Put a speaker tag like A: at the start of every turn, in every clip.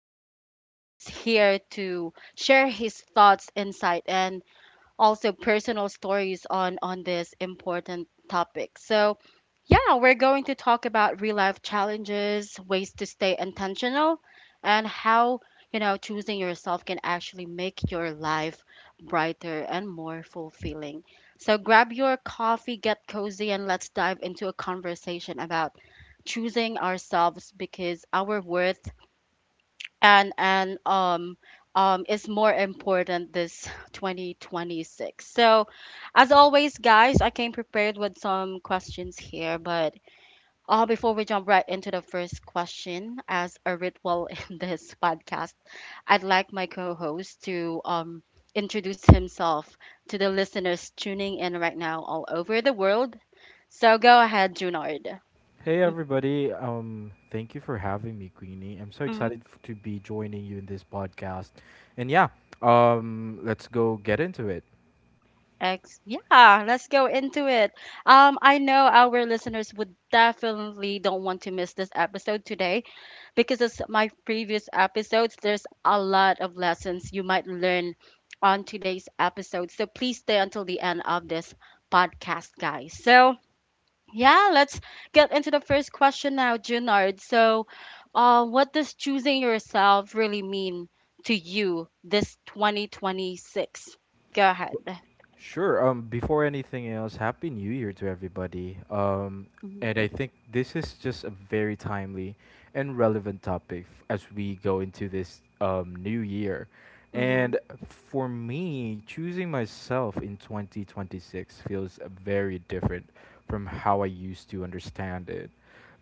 A: is here to share his thoughts, insight, and also personal stories on this important topic. So, yeah, we're going to talk about real life challenges, ways to stay intentional, and how choosing yourself can actually make your life brighter and more fulfilling. So, grab your coffee, get cozy, and let's dive into a conversation about choosing ourselves because our worth and is more important this 2026. So as always guys, I came prepared with some questions here, but before we jump right into the first question, as a ritual in this podcast, I'd like my co-host to introduce himself to the listeners tuning in right now all over the world. So go ahead, Junard.
B: Hey everybody, thank you for having me, Queenie. I'm so excited to be joining you in this podcast. And yeah, let's go get into it.
A: Yeah, let's go into it. I know our listeners would definitely don't want to miss this episode today because as my previous episodes, there's a lot of lessons you might learn on today's episode. So please stay until the end of this podcast, guys. So yeah, let's get into the first question now, Junard. So, what does choosing yourself really mean to you this 2026? Go ahead.
B: Sure. Before anything else, happy New Year to everybody. And I think this is just a very timely and relevant topic as we go into this new year. And
A: Hmm.
B: for me, choosing myself in 2026 feels very different from how I used to understand it.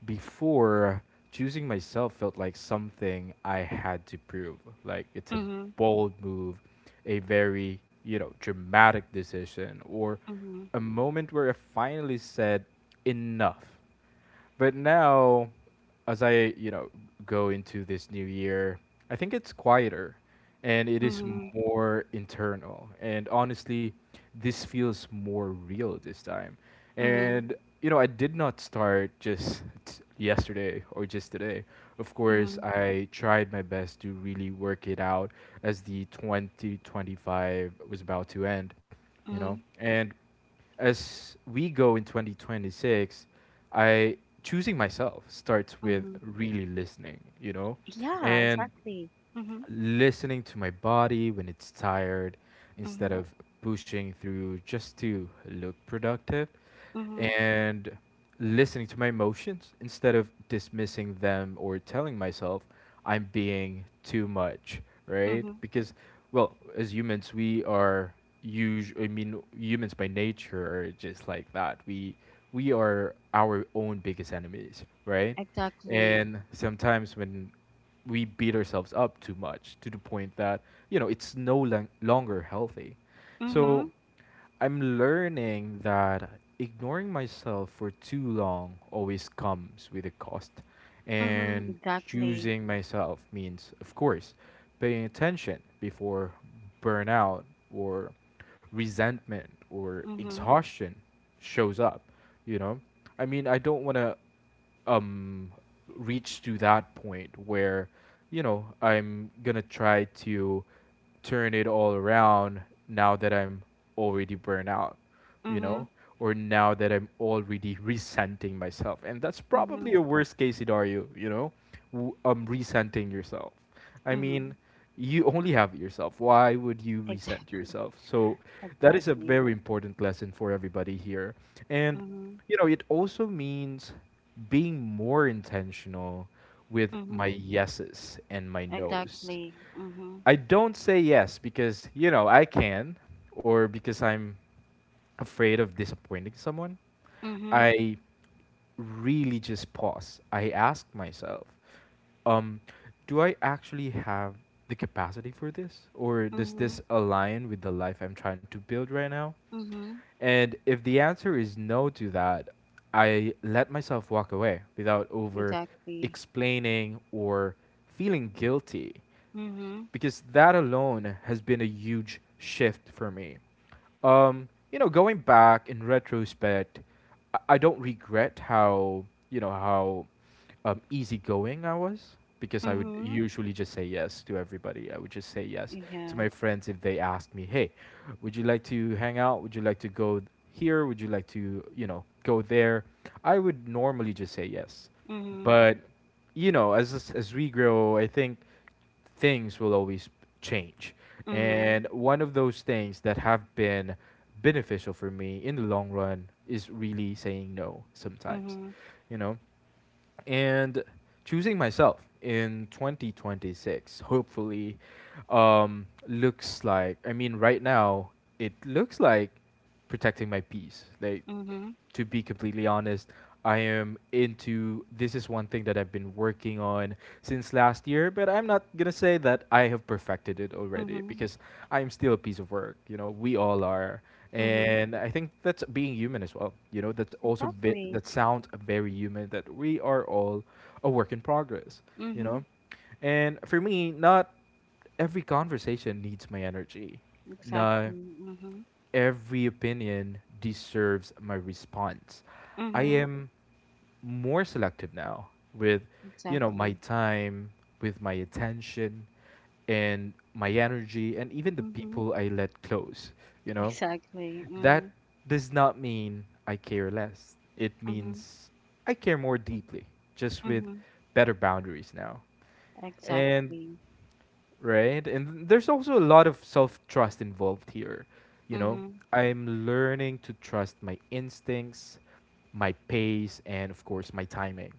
B: Before, choosing myself felt like something I had to prove. Like it's a
A: Mhm.
B: bold move, a very, you know, dramatic decision, or
A: Mhm,
B: a moment where I finally said, enough. But now, as I go into this new year, I think it's quieter, and it is
A: mhm,
B: more internal. And honestly, this feels more real this time.
A: mhm,
B: And you know, I did not start just yesterday or just today. Of course,
A: mhm,
B: I tried my best to really work it out as the 2025 was about to end, you know.
A: mhm,
B: And as we go in 2026, I choosing myself starts with
A: mhm.
B: really listening, you know,
A: Yeah,
B: and
A: exactly. Mhm,
B: listening to my body when it's tired instead
A: mhm,
B: of pushing through just to look productive,
A: mhm,
B: and listening to my emotions instead of dismissing them or telling myself I'm being too much, right?
A: mhm.
B: Because, well, as humans, we are usually, I mean, humans by nature are just like that. We are our own biggest enemies, right?
A: Exactly.
B: And sometimes when we beat ourselves up too much to the point that you know it's no lang- longer healthy, so
A: Mhm,
B: I'm learning that ignoring myself for too long always comes with a cost,
A: mhm,
B: and
A: exactly.
B: choosing myself means, of course, paying attention before burnout or resentment or
A: Mhm,
B: exhaustion shows up, you know. I mean, I don't want to um reach to that point where, you know, I'm gonna try to turn it all around now that I'm already burnt out, you know,
A: mhm,
B: or now that I'm already resenting myself. And that's probably
A: mhm,
B: a worst case scenario, you know, resenting yourself. I mean,
A: mhm.
B: you only have yourself. Why would you resent
A: Exactly.
B: yourself? So that is a
A: Exactly.
B: very important lesson for everybody here. And
A: Mhm,
B: you know, it also means being more intentional with my
A: mhm,
B: yeses and my nos.
A: exactly. Mhm,
B: I don't say yes because, you know, I can, or because I'm afraid of disappointing someone.
A: mhm,
B: I really just pause. I ask myself, um, do I actually have the capacity for this? Or does this
A: mhm,
B: align with the life I'm trying to build right now?
A: mhm.
B: And if the answer is no to that, I let myself walk away without over
A: Exactly.
B: explaining or feeling guilty,
A: Mhm,
B: because that alone has been a huge shift for me. You know, going back in retrospect, I don't regret how, you know, how easygoing I was, because I would
A: mhm.
B: usually just say yes to everybody. I would just say yes to
A: Yeah.
B: my friends if they asked me, "Hey, would you like to hang out? Would you like to here? Would you like to, you know, go there?" I would normally just say yes.
A: Mhm,
B: But, you know, as as we grow, I think things will always change. And
A: mhm,
B: one of those things that have been beneficial for me in the long run is really saying no sometimes,
A: mhm,
B: you know, and choosing myself in 2026, hopefully, looks like, I mean right now it looks like protecting my peace. Like,
A: mhm,
B: to be completely honest, I am into this, is one thing that I've been working on since last year, but I'm not going to say that I have perfected it already,
A: mhm,
B: because I'm still a piece of work. You know, we all are.
A: mhm.
B: And I think that's being human as well. You know, that's also
A: Exactly.
B: that sounds very human, that we are all a work in progress, you
A: Mm-hmm.
B: know? And for me, not every conversation needs my energy. No,
A: Exactly. Mm-hmm.
B: every opinion deserves my response. I
A: Mm-hmm.
B: am more selective now with, you know, my
A: Exactly.
B: time, with my attention, and my energy, and even the
A: Mm-hmm.
B: people I let close, you know?
A: Exactly.
B: That
A: Mm-hmm.
B: does not mean I care less. It
A: Mm-hmm.
B: means I care more deeply, just with
A: Mm-hmm.
B: better boundaries now. And,
A: Exactly.
B: right? And there's also a lot of self trust involved here. You know,
A: Mm-hmm.
B: I'm learning to trust my instincts, my pace, and of course, my timing.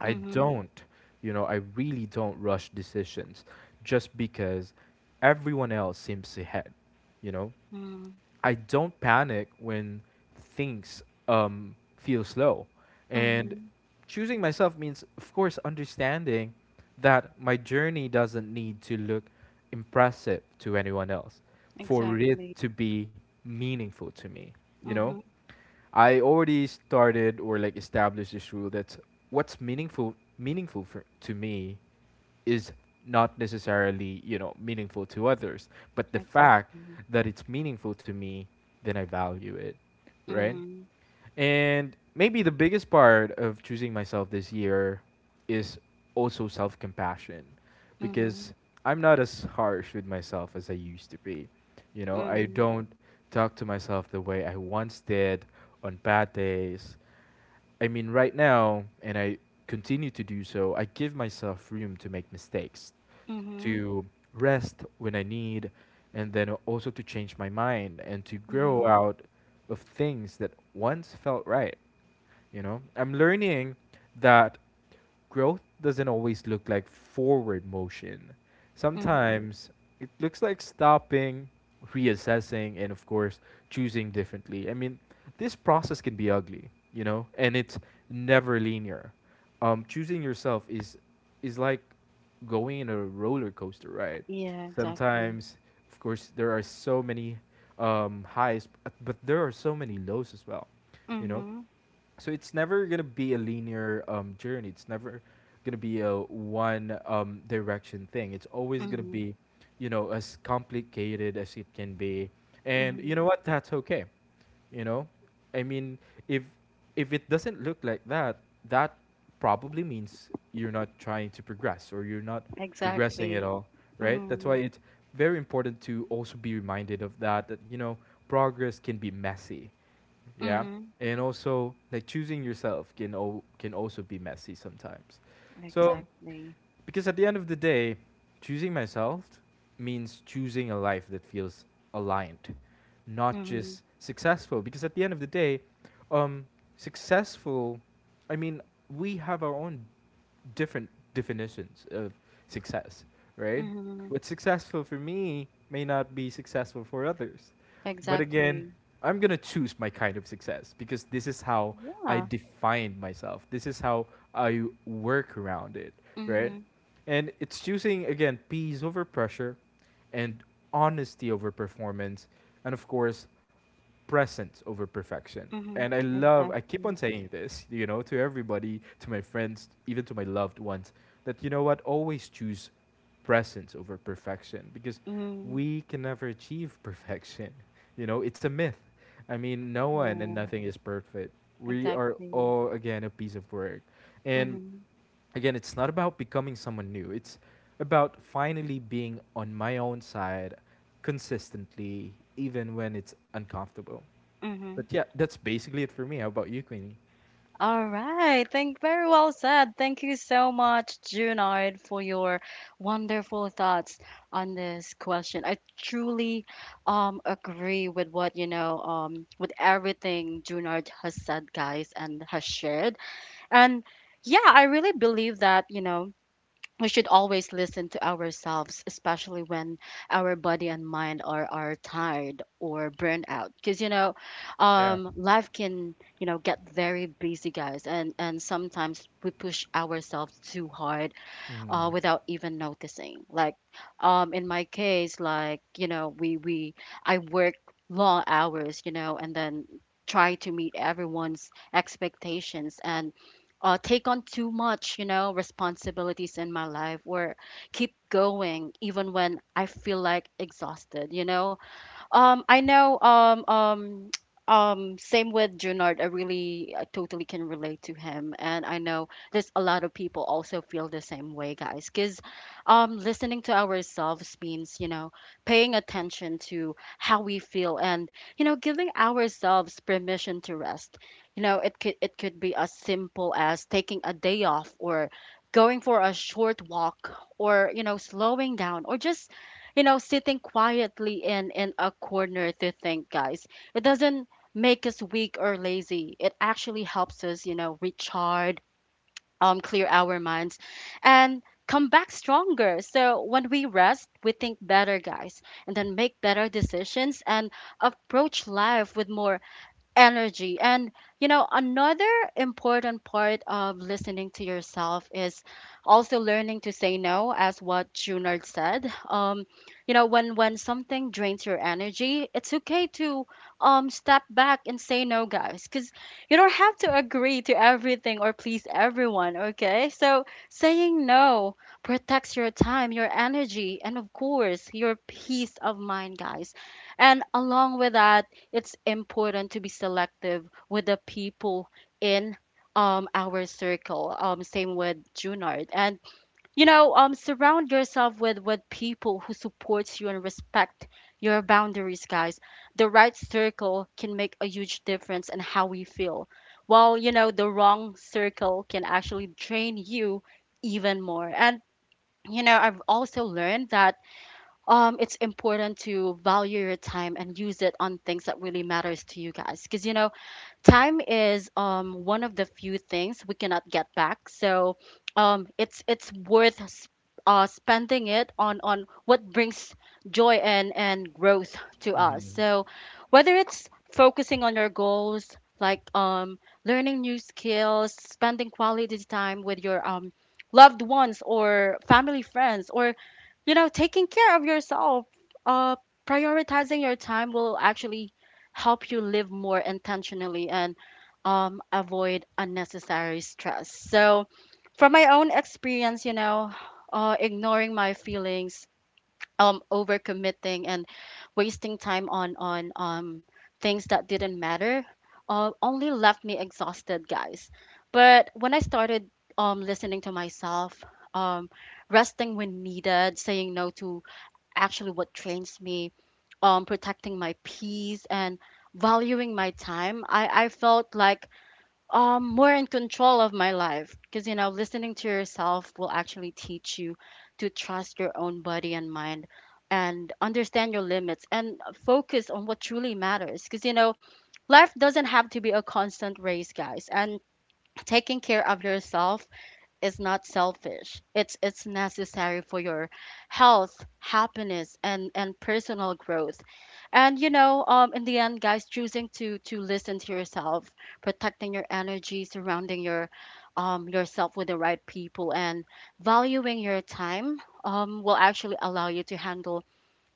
B: I
A: Mm-hmm.
B: don't, you know, I really don't rush decisions just because everyone else seems ahead, you know?
A: Mm-hmm.
B: I don't panic when things feel slow. And
A: Mm-hmm.
B: choosing myself means, of course, understanding that my journey doesn't need to look impressive to anyone else for it
A: Exactly.
B: to be meaningful to me. You know,
A: Mm-hmm.
B: I already started, or like established this rule, that what's meaningful for, to me, is not necessarily, you know, meaningful to others, but the fact
A: Exactly.
B: that it's meaningful to me, then I value it, right?
A: Mm-hmm.
B: And maybe the biggest part of choosing myself this year is also self compassion, because
A: Mm-hmm.
B: I'm not as harsh with myself as I used to be. You know, I
A: Mm-hmm.
B: don't talk to myself the way I once did on bad days. I mean, right now, and I continue to do so, I give myself room to make mistakes,
A: Mm-hmm.
B: to rest when I need, and then also to change my mind and to grow
A: Mm-hmm.
B: out of things that once felt right. You know, I'm learning that growth doesn't always look like forward motion.
A: Mm-hmm.
B: Sometimes it looks like stopping, reassessing, and of course, choosing differently. I mean, this process can be ugly, you know, and it's never linear. Choosing yourself is like going in a roller coaster ride.
A: Yeah, exactly.
B: Sometimes, of course, there are so many highs, but there are so many lows as well, you know,
A: Mm-hmm.
B: so it's never gonna be a linear journey. It's never gonna be a one direction thing. It's always gonna
A: Mm-hmm.
B: be, you know, as complicated as it can be. And you know
A: Mm-hmm.
B: what? That's okay. You know, I mean, if it doesn't look like that, that probably means you're not trying to progress, or you're not progressing at
A: Exactly.
B: all, right? That's why
A: Mm-hmm.
B: it's very important to also be reminded of that. That, you know, progress can be messy, yeah,
A: Mm-hmm.
B: and also like choosing yourself can also be messy sometimes, so
A: Exactly.
B: because at the end of the day, choosing myself means choosing a life that feels aligned, not
A: Mm-hmm.
B: just successful. Because at the end of the day, um successful, I mean, we have our own different definitions of success, right?
A: Mm-hmm.
B: What's successful for me may not be successful for others. But again,
A: Exactly.
B: I'm going to choose my kind of success, because this is how I
A: Yeah.
B: define myself. This is how I work around it, right?
A: Mhm,
B: And it's choosing, again, peace over pressure, and honesty over performance. And of course, presence over perfection.
A: mhm.
B: And I love, I keep on
A: Exactly.
B: saying this, you know, to everybody, to my friends, even to my loved ones, that you know what, always choose presence over perfection, because
A: Mm.
B: we can never achieve perfection. You know, it's a myth. I mean, no one and
A: Yeah.
B: nothing is perfect. We are
A: Exactly.
B: all, again, a piece of work. And
A: Mhm,
B: again, it's not about becoming someone new, it's about finally being on my own side consistently, even when it's uncomfortable. But
A: mhm.
B: yeah, that's basically it for me. How about you, Queenie?
A: All right. Thank— very well said. Thank you so much, Junard, for your wonderful thoughts on this question. I truly agree with what you know with everything Junard has said, guys, and has shared. And yeah, I really believe that you know we should always listen to ourselves, especially when our body and mind are tired or burned out. Because, you know,
B: Yeah.
A: life can, you know, get very busy, guys. And sometimes we push ourselves too hard
B: Mm-hmm.
A: without even noticing. Like, in my case, like you know, we I work long hours, you know, and then try to meet everyone's expectations and take on too much, you know, responsibilities in my life or keep going even when I feel like exhausted, you know. I know. Same with Junard. I really I totally can relate to him, and I know there's a lot of people also feel the same way, guys. Because, listening to ourselves means you know paying attention to how we feel, and you know giving ourselves permission to rest. You know, it could be as simple as taking a day off or going for a short walk, or you know slowing down, or just you know sitting quietly in a corner to think, guys. It doesn't make us weak or lazy. It actually helps us, you know, recharge, clear our minds, and come back stronger. So when we rest, we think better, guys, and then make better decisions and approach life with more energy. And you know, another important part of listening to yourself is also learning to say no, as what Junard said. You know, when something drains your energy, it's okay to step back and say no, guys, because you don't have to agree to everything or please everyone. Okay, so saying no protects your time, your energy, and of course your peace of mind, guys. And along with that, it's important to be selective with the people in our circle. Same with Junard, and you know, surround yourself with people who supports you and respect your boundaries, guys. The right circle can make a huge difference in how we feel, while you know the wrong circle can actually drain you even more. And you know, I've also learned that it's important to value your time and use it on things that really matters to you, guys. Because you know, time is one of the few things we cannot get back. So it's worth spending it on what brings joy and growth to us.
B: Mm-hmm.
A: So whether it's focusing on your goals, like learning new skills, spending quality time with your loved ones or family, friends, or you know taking care of yourself, uh prioritizing your time will actually help you live more intentionally and avoid unnecessary stress. So, from my own experience, you know, ignoring my feelings, overcommitting, and wasting time on things that didn't matter, only left me exhausted, guys. But when I started listening to myself, um, resting when needed, saying no to actually what trains me, protecting my peace, and valuing my time, I felt like more in control of my life. Because you know, listening to yourself will actually teach you to trust your own body and mind, and understand your limits, and focus on what truly matters. Because you know, life doesn't have to be a constant race, guys, and taking care of yourself is not selfish. It's necessary for your health, happiness, and personal growth. And you know, in the end, guys, choosing to listen to yourself, protecting your energy, surrounding yourself with the right people, and valuing your time will actually allow you to handle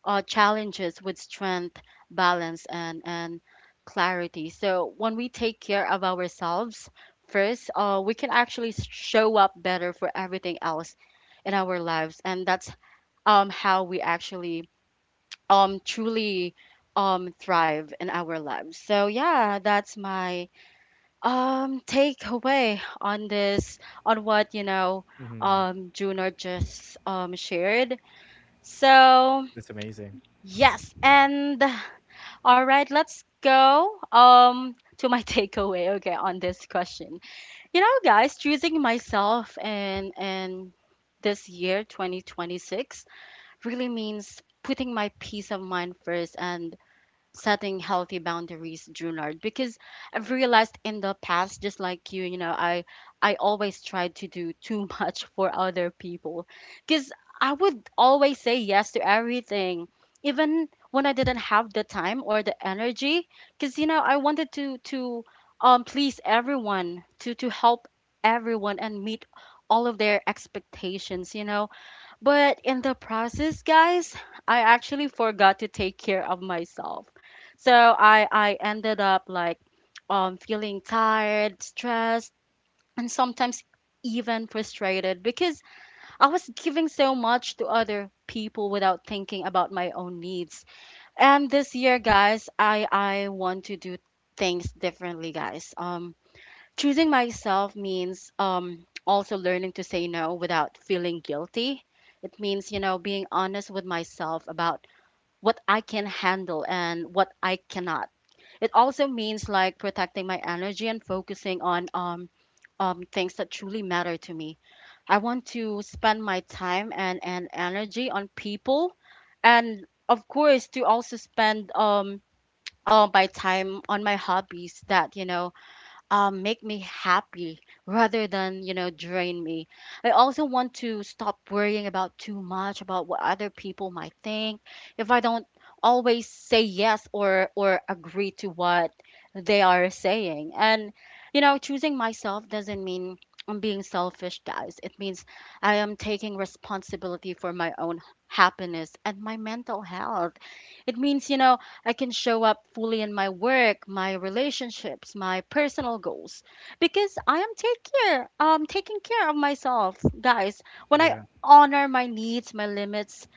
A: challenges with strength, balance, and clarity. So when we take care of ourselves first, we can actually show up better for everything else in our lives, and that's how we actually truly thrive in our lives. So yeah, that's my takeaway on this, on what you know
B: Mm-hmm.
A: Junior just shared. So
B: That's amazing.
A: yes, and all right, let's go to my takeaway, okay, on this question. You know, guys, choosing myself and this year 2026 really means putting my peace of mind first and setting healthy boundaries, Junard, because I've realized in the past, just like you know, I always tried to do too much for other people, because I would always say yes to everything, even when I didn't have the time or the energy, because you know I wanted to please everyone, to help everyone and meet all of their expectations, you know. But in the process, guys, I actually forgot to take care of myself. So I ended up like feeling tired, stressed, and sometimes even frustrated, because I was giving so much to other people without thinking about my own needs. And this year, guys, I want to do things differently, guys. Choosing myself means also learning to say no without feeling guilty. It means, you know, being honest with myself about what I can handle and what I cannot. It also means like protecting my energy and focusing on things that truly matter to me. I want to spend my time and energy on people, and of course, to also spend my time on my hobbies that, you know, make me happy rather than you know drain me. I also want to stop worrying about too much about what other people might think if I don't always say yes or agree to what they are saying. And you know, choosing myself doesn't mean I'm being selfish, guys. It means I am taking responsibility for my own happiness and my mental health. It means you know I can show up fully in my work, my relationships, my personal goals, because I am taking care of myself, guys. When I
B: Yeah.
A: honor my needs, my limits,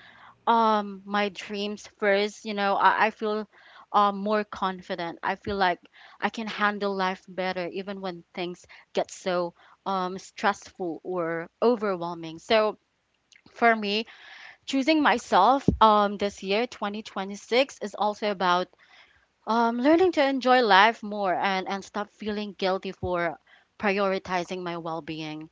A: my dreams first, you know, I feel more confident. I feel like I can handle life better even when things get so stressful or overwhelming. So for me, choosing myself this year, 2026, is also about learning to enjoy life more and stop feeling guilty for prioritizing my well-being.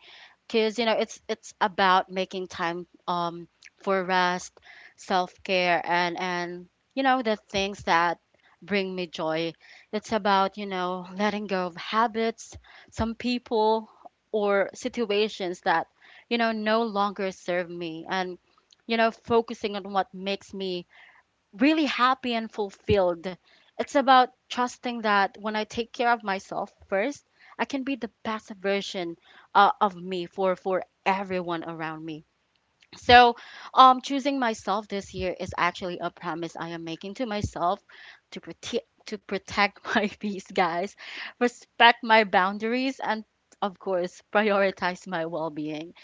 A: Cause you know it's about making time for rest, self-care, and you know the things that bring me joy. It's about you know letting go of habits, some people or situations that you know no longer serve me, and you know focusing on what makes me really happy and fulfilled. It's about trusting that when I take care of myself first, I can be the best version of me for everyone around me. So, choosing myself this year is actually a promise I am making to myself to protect my peace, guys, respect my boundaries, and of course, prioritize my well-being.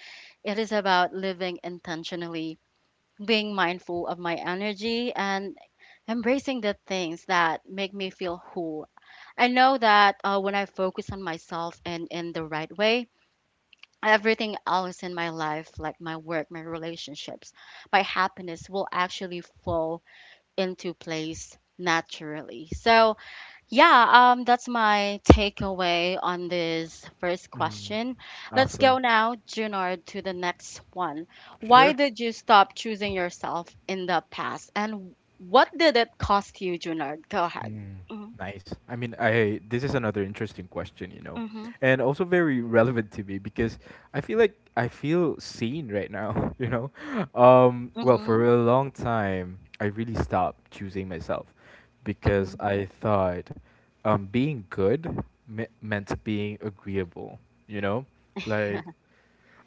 A: It is about living intentionally, being mindful of my energy and embracing the things that make me feel whole. I know that when I focus on myself and in the right way, everything else in my life, like my work, my relationships, my happiness, will actually fall into place naturally. So yeah, that's my takeaway on this first
B: Mm.
A: question. Let's
B: Awesome.
A: go now, Junard, to the next one. Why
B: Sure.
A: did you stop choosing yourself in the past, and what did it cost you, Junard? Go ahead.
B: Mm, nice. I mean, I this is another interesting question, you know,
A: Mm-hmm.
B: and also very relevant to me because I feel like I feel seen right now, you know. Well,
A: Mm-hmm.
B: for a long time, I really stopped choosing myself because
A: Mm-hmm.
B: I thought being good meant being agreeable, you know, like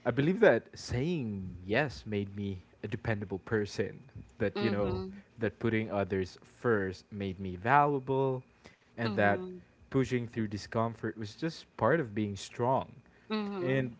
B: I believe that saying yes made me a dependable person. That, you know,
A: Mm-hmm.
B: that putting others first made me valuable, and that
A: Mm-hmm.
B: pushing through discomfort was just part of being strong.
A: Mm-hmm.
B: And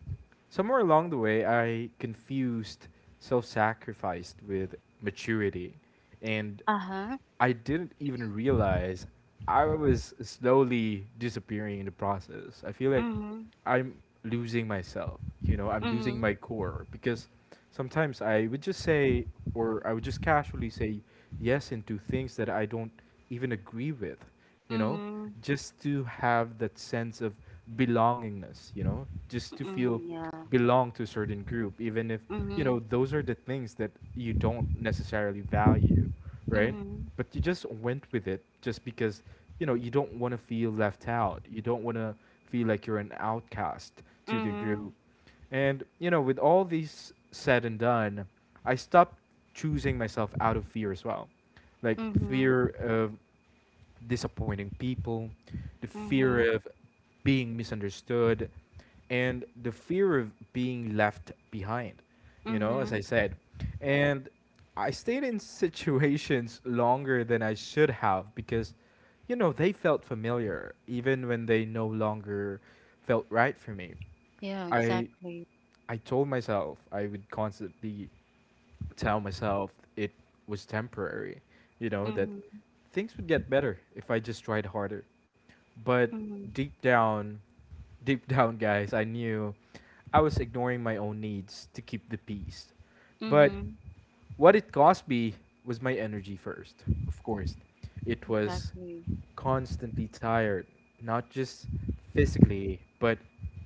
B: somewhere along the way, I confused self sacrificed with maturity. And
A: Uh-huh.
B: I didn't even realize I was slowly disappearing in the process. I feel like
A: Mm-hmm.
B: I'm losing myself. You know, I'm losing
A: Mm-hmm.
B: my core, because sometimes I would just say, or I would just casually say yes into things that I don't even agree with, you know,
A: Mm-hmm.
B: just to have that sense of belongingness, you know, just to feel
A: Mm-hmm. Yeah.
B: belong to a certain group, even if, you
A: Mm-hmm.
B: know, those are the things that you don't necessarily value, right?
A: Mm-hmm.
B: But you just went with it just because, you know, you don't want to feel left out, you don't want to feel like you're an outcast to the
A: Mm-hmm.
B: group. And you know, with all these said and done, I stopped choosing myself out of fear as well, like
A: Mm-hmm.
B: fear of disappointing people, the
A: Mm-hmm.
B: fear of being misunderstood, and the fear of being left behind, you know, as
A: Mm-hmm.
B: I said. And I stayed in situations longer than I should have because, you know, they felt familiar even when they no longer felt right for me.
A: Yeah,
B: I
A: exactly.
B: I told myself, I would constantly tell myself it was temporary, you know, that
A: Mhm,
B: things would get better if I just tried harder. But
A: mhm,
B: deep down, deep down, guys, I knew I was ignoring my own needs to keep the peace. But
A: mhm,
B: what it cost me was my energy first, of course. It was
A: exactly.
B: constantly tired, not just physically, but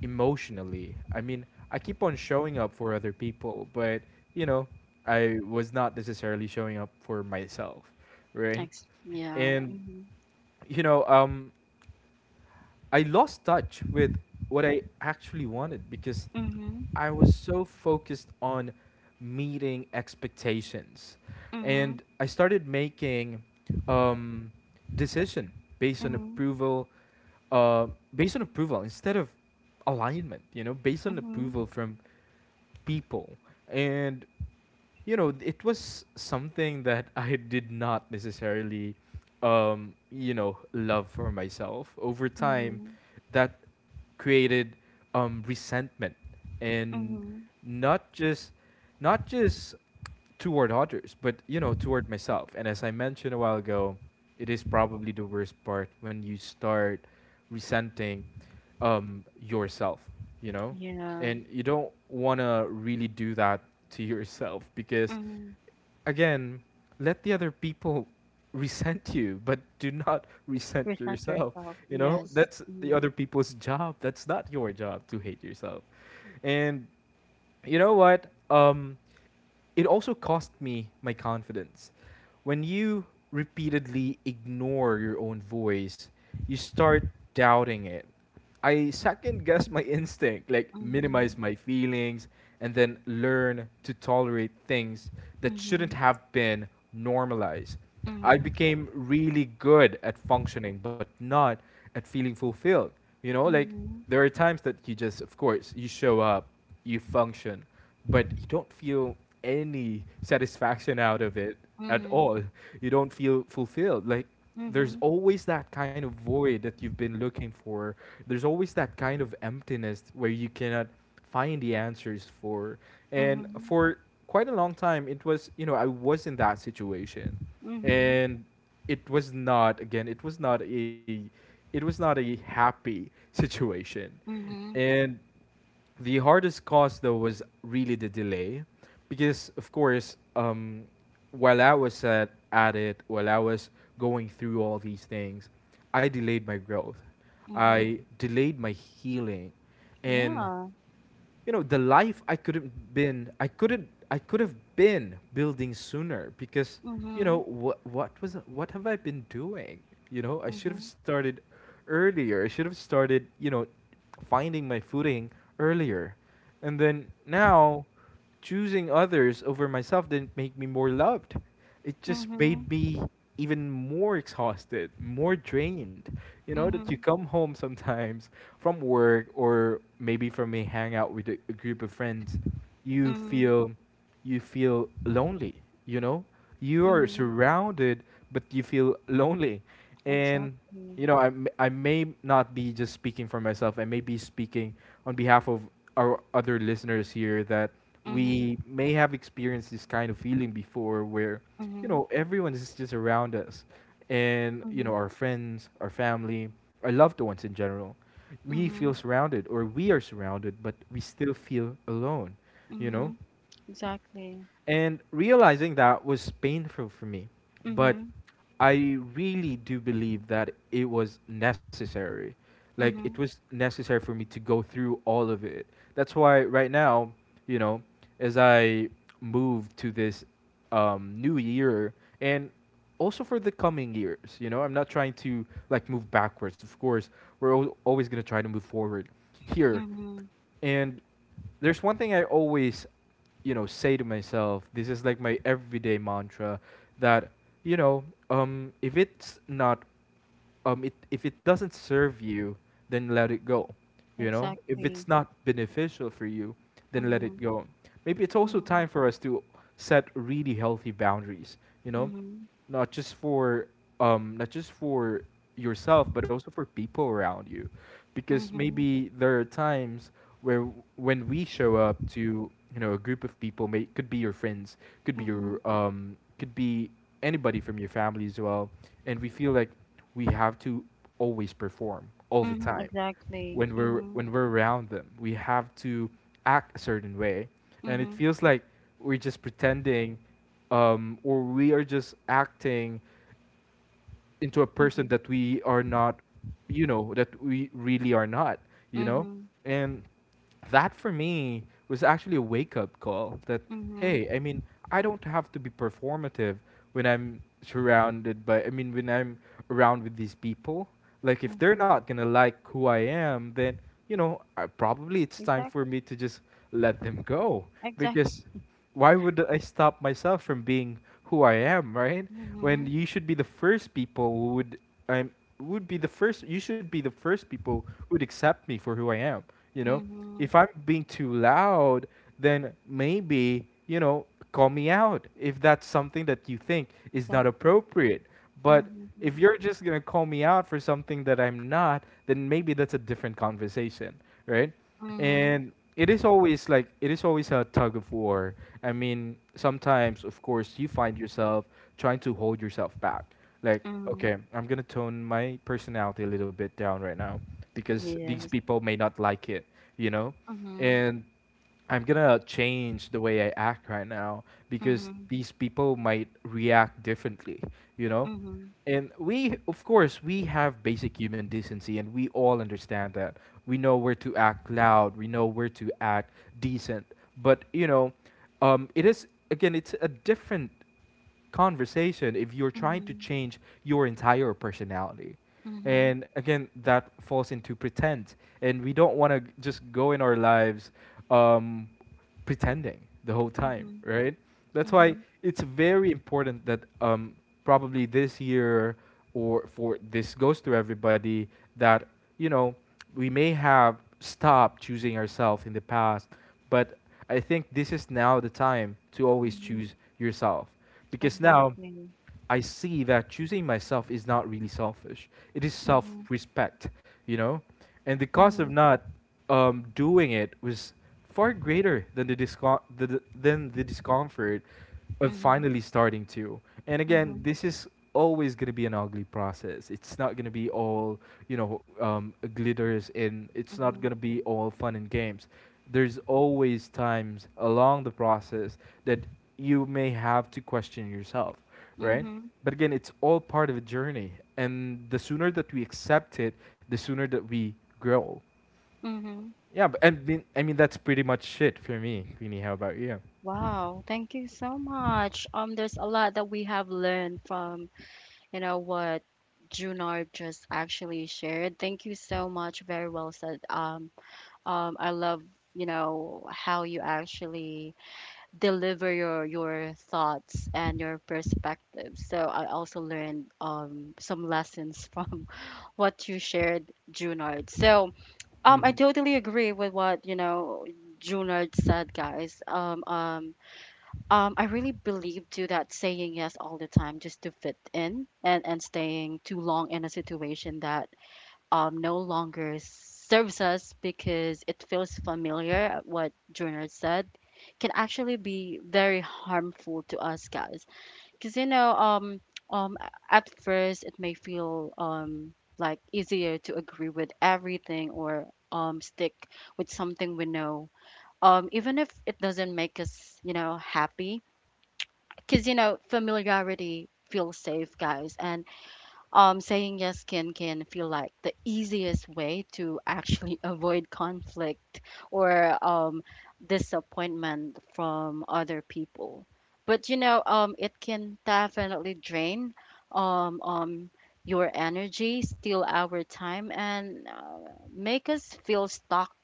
B: emotionally. I mean, I keep on showing up for other people, but you know, I was not necessarily showing up for myself, right?
A: Ex yeah.
B: And
A: Mhm,
B: you know, um, I lost touch with what I actually wanted because
A: mhm,
B: I was so focused on meeting expectations.
A: mhm,
B: And I started making um, decision based on
A: mhm,
B: approval, uh, based on approval instead of alignment, you know, based on
A: mhm,
B: approval from people. And you know, it was something that I did not necessarily, you know, love for myself. Over time,
A: mhm,
B: that created resentment and
A: mhm.
B: not just not just toward others, but you know, toward myself. And as I mentioned a while ago, it is probably the worst part when you start resenting yourself. You know,
A: Yeah.
B: and you don't want to really do that to yourself because
A: Mhm.
B: again, let the other people resent you, but do not resent
A: Present
B: yourself.
A: yourself.
B: You know,
A: Yes.
B: that's the
A: Mhm,
B: other people's job. That's not your job to hate yourself. And you know what? It also cost me my confidence. When you repeatedly ignore your own voice, you start doubting it. I second guess my instinct, like
A: mhm,
B: minimize my feelings, and then learn to tolerate things that shouldn't
A: mhm,
B: have been normalized. I
A: mhm,
B: became really good at functioning, but not at feeling fulfilled. You know, like there are times that you just, of course, you show up, you function, but you don't feel any satisfaction out of it
A: mhm,
B: at
A: mhm,
B: all. You don't feel fulfilled. Like there's always that kind of void that you've been looking for. There's always that kind of emptiness where you cannot find the answers for.
A: mhm,
B: And
A: mhm,
B: for quite a long time, it was, you know, I was in that situation
A: mhm,
B: and it was not again it was not a it was not a happy situation
A: mhm,
B: and the hardest cause though was really the delay because of course while I was at it while I was going through all these things I delayed my growth,
A: mhm.
B: I delayed my healing, and
A: Yeah.
B: you know the life I couldn't been I couldn't I could have been building sooner because you know
A: Mhm,
B: what was what have I been doing? You know, I should have
A: mhm,
B: started earlier. I should have started, you know, finding my footing earlier. And then now choosing others over myself didn't make me more loved. It just made
A: mhm,
B: me even more exhausted, more drained. You know, that you
A: mhm,
B: come home sometimes from work or maybe from a hangout with a group of friends, you
A: mhm,
B: feel you feel lonely. You know, you are
A: mhm.
B: surrounded, but you feel lonely. And you
A: Exactly.
B: know, I may not be just speaking for myself. I may be speaking on behalf of our other listeners here that we
A: Mhm,
B: may have experienced this kind of feeling before, where you know
A: mhm,
B: everyone is just around us, and you know
A: mhm,
B: our friends, our family, our loved ones in general, we feel
A: mhm.
B: surrounded, or we are surrounded, but we still feel alone, you know.
A: Mhm. Exactly.
B: And realizing that was painful for me, but
A: Mhm.
B: I really do believe that it was necessary. Like it was
A: Mhm.
B: necessary for me to go through all of it. That's why right now, you know, as I move to this new year and also for the coming years, you know, I'm not trying to like move backwards. Of course, we're always going to try to move forward here.
A: Mhm.
B: And there's one thing I always, you know, say to myself. This is like my everyday mantra that, you know, if it's not, if it doesn't serve you, then let it go. You know, if it's
A: Exactly.
B: not beneficial for you, then let it
A: Mhm.
B: go. Maybe it's also time
A: Mhm.
B: for us to set really healthy boundaries. You know,
A: Mhm.
B: not just for not just for yourself but also for people around you, because
A: Mhm.
B: maybe there are times where when we show up to, you know, a group of people, may could be your friends, could be
A: Mhm.
B: your could be anybody from your family as well, and we feel like we have to always perform all the
A: Mhm.
B: time when
A: Exactly.
B: we're
A: Mhm.
B: when we're around them. We have to act a certain way, and it
A: Mhm.
B: feels like we're just pretending, or we are just acting into a person
A: Mhm.
B: that we are not, you know, that we really are not, you know?
A: Mhm.
B: And that for me was actually a wake up call that,
A: Mhm.
B: hey, I mean, I don't have to be performative when I'm surrounded by, I mean, when I'm around with these people. Like, if they're
A: Mhm.
B: not going to like who I am, then, you know, probably it's time
A: Exact.
B: for me to just let them go.
A: Exactly.
B: Because why would I stop myself from being who I am, right? When
A: Mhm.
B: you should be the first people who would I'm would be the first you should be the first people who would accept me for who I am, you know? If
A: Mhm.
B: I'm being too loud, then maybe, you know, call me out if that's something that you think is not
A: Exactly.
B: appropriate. But
A: Mhm.
B: if you're just going to call me out for something that I'm not, then maybe that's a different conversation, right?
A: Mhm.
B: And it is always like it is always a tug of war. I mean, sometimes of course you find yourself trying to hold yourself back, like okay,
A: Mhm.
B: I'm gonna tone my personality a little bit down right now because these
A: Yes.
B: people may not like it, you know.
A: Mhm.
B: And I'm gonna change the way I act right now because
A: Mhm.
B: these people might react differently, you know.
A: Mhm.
B: And we, of course, we have basic human decency, and we all understand that. We know where to act loud. We know where to act decent. But you know, it is again, it's a different conversation if you're trying to
A: Mhm.
B: change your entire personality.
A: Mhm.
B: And again, that falls into pretend. And we don't want to just go in our lives um, pretending the whole time,
A: Mhm.
B: right? That's why
A: Mhm.
B: it's very important that probably this year, or for this goes to everybody, that you know we may have stopped choosing ourselves in the past, but I think this is now the time to always
A: Mhm.
B: choose yourself, because now
A: Exactly.
B: I see that choosing myself is not really selfish. It is
A: Mhm.
B: self-respect, you know? And the cost of
A: Mhm.
B: not doing it was far greater than the, disco- the than the discomfort of
A: Mhm.
B: finally starting to. And again,
A: Mhm,
B: this is always going to be an ugly process. It's not going to be all, you know, glitters, and it's not going
A: mhm,
B: to be all fun and games. There's always times along the process that you may have to question yourself, right?
A: mhm,
B: But again, it's all part of a journey, and the sooner that we accept it, the sooner that we grow.
A: mhm.
B: Yeah, but, and mean, I mean that's pretty much it for me, Queenie. How about you?
A: Wow, thank you so much. There's a lot that we have learned from what Junard just actually shared. Thank you so much. Very well said. I love how you actually deliver your thoughts and your perspectives. So I also learned some lessons from what you shared, Junard. So, I
B: Mm-hmm.
A: totally agree with what Junard said, guys. I really believe to that saying yes all the time just to fit in and staying too long in a situation that no longer serves us because it feels familiar, what Junard said, can actually be very harmful to us, guys. Because you know, um, um, at first it may feel like easier to agree with everything or stick with something we know. Even if it doesn't make us happy. Because familiarity feels safe, guys, and saying yes can feel like the easiest way to actually avoid conflict or disappointment from other people. But it can definitely drain um, um, your energy, steal our time, and make us feel stuck,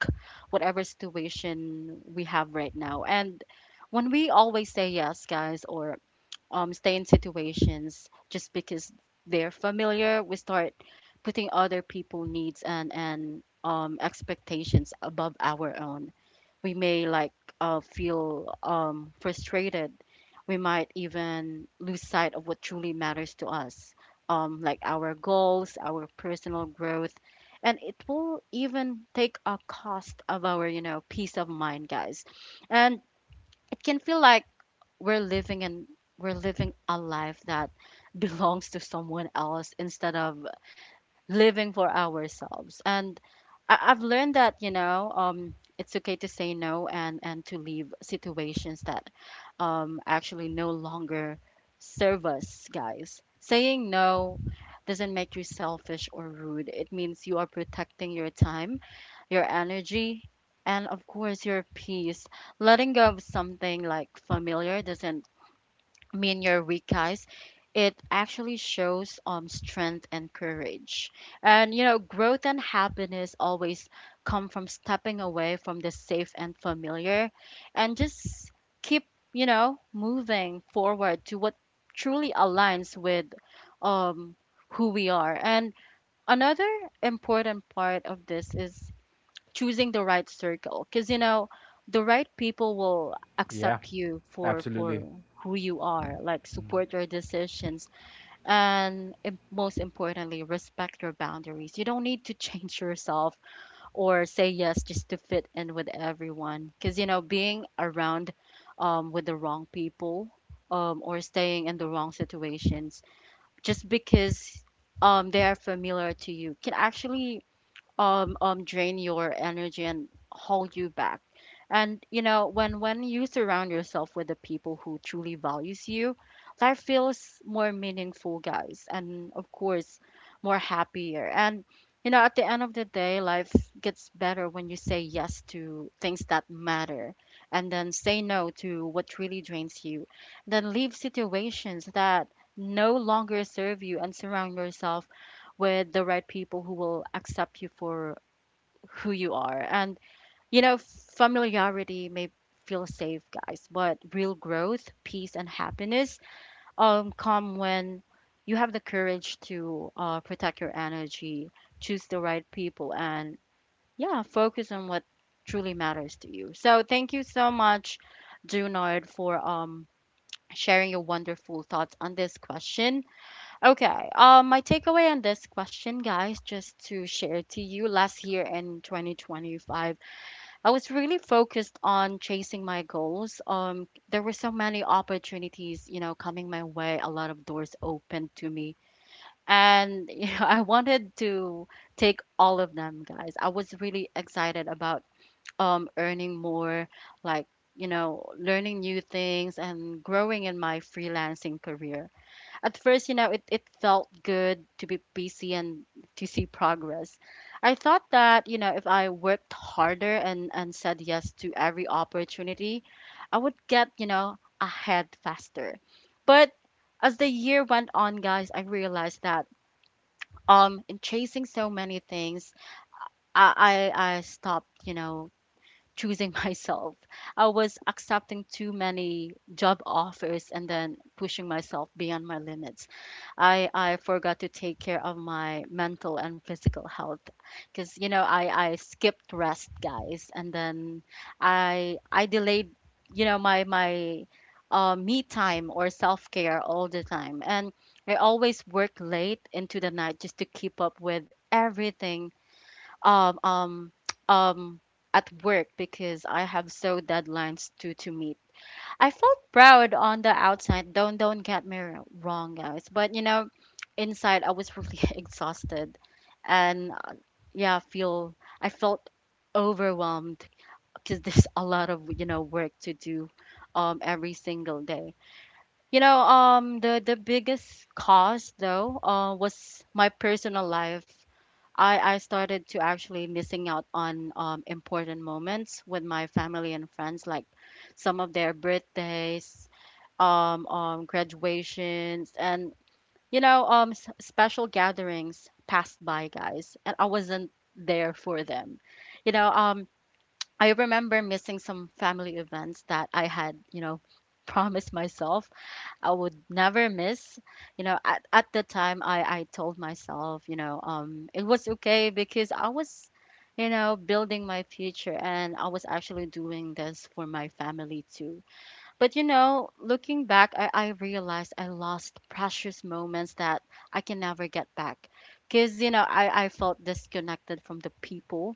A: whatever situation we have right now. And when we always say yes, guys, or stay in situations just because they're familiar. We start putting other people needs and expectations above our own. We may like feel frustrated. We might even lose sight of what truly matters to us, like our goals, our personal growth, and it will even take a cost of our peace of mind, guys. And it can feel like we're living in we're living a life that belongs to someone else instead of living for ourselves. And I've learned that it's okay to say no and to leave situations that actually no longer serve us, guys. Saying no doesn't make you selfish or rude. It means you are protecting your time, your energy, and of course your peace. Letting go of something like familiar doesn't me and your weak, guys. It actually shows strength and courage. And growth and happiness always come from stepping away from the safe and familiar and just keep moving forward to what truly aligns with um who we are. And another important part of this is choosing the right circle because the right people will
B: Yeah,
A: accept you for
B: absolutely.
A: who you are, like
B: Mm-hmm.
A: support your decisions and most importantly respect your boundaries. You don't need to change yourself or say yes just to fit in with everyone because being around with the wrong people or staying in the wrong situations just because they are familiar to you can actually drain your energy and hold you back. And when you surround yourself with the people who truly values you, life feels more meaningful, guys, and of course more happier. And at the end of the day, life gets better when you say yes to things that matter, and then say no to what really drains you, then leave situations that no longer serve you, and surround yourself with the right people who will accept you for who you are. And familiarity may feel safe, guys, but real growth, peace, and happiness come when you have the courage to protect your energy, choose the right people, and yeah, focus on what truly matters to you. So, thank you so much, Junard, for sharing your wonderful thoughts on this question. Okay. My takeaway on this question, guys, just to share to you, last year in 2025, I was really focused on chasing my goals. There were so many opportunities coming my way. A lot of doors opened to me, and I wanted to take all of them, guys. I was really excited about earning more, like learning new things and growing in my freelancing career at first, it felt good to be busy and to see progress. I thought that if I worked harder and said yes to every opportunity, I would get ahead faster. But as the year went on, guys, I realized that in chasing so many things, I stopped choosing myself. I was accepting too many job offers and then pushing myself beyond my limits. I forgot to take care of my mental and physical health because I skipped rest, guys, and then I delayed my me time or self care all the time and I always work late into the night just to keep up with everything um um um at work because I have so deadlines to meet. I felt proud on the outside. Don't get me wrong, guys. But inside I was really exhausted, and yeah, feel I felt overwhelmed because there's a lot of work to do, every single day. The biggest cause though, was my personal life. I started to actually missing out on important moments with my family and friends, like some of their birthdays, graduations, and special gatherings passed by, guys, and I wasn't there for them. You know, um, I remember missing some family events that I had promised myself I would never miss. At the time I told myself, it was okay because I was building my future and I was actually doing this for my family too. But looking back, I realized I lost precious moments that I can never get back because I felt disconnected from the people.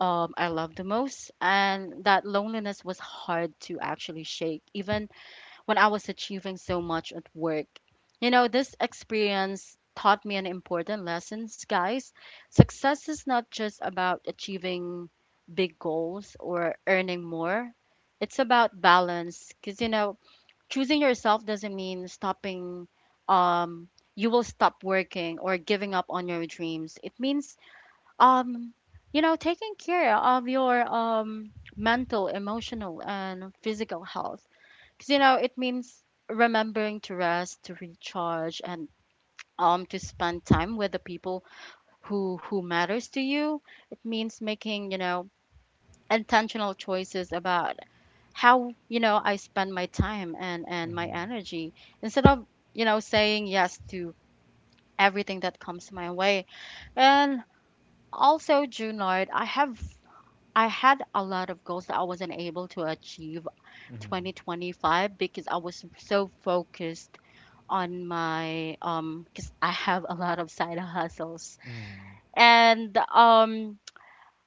A: I love the most, and that loneliness was hard to actually shake, even when I was achieving so much at work. This experience taught me an important lesson, guys. Success is not just about achieving big goals or earning more, it's about balance. Because choosing yourself doesn't mean stopping, um, you will stop working or giving up on your dreams. It means, um, taking care of your mental, emotional, and physical health because it means remembering to rest, to recharge, and to spend time with the people who matters to you. It means making intentional choices about how I spend my time and my
B: Mm-hmm.
A: energy instead of saying yes to everything that comes my way. And also, Junard, I had a lot of goals that I wasn't able to achieve 2025 because I was so focused on my because I have a lot of side hustles.
B: Mm-hmm.
A: And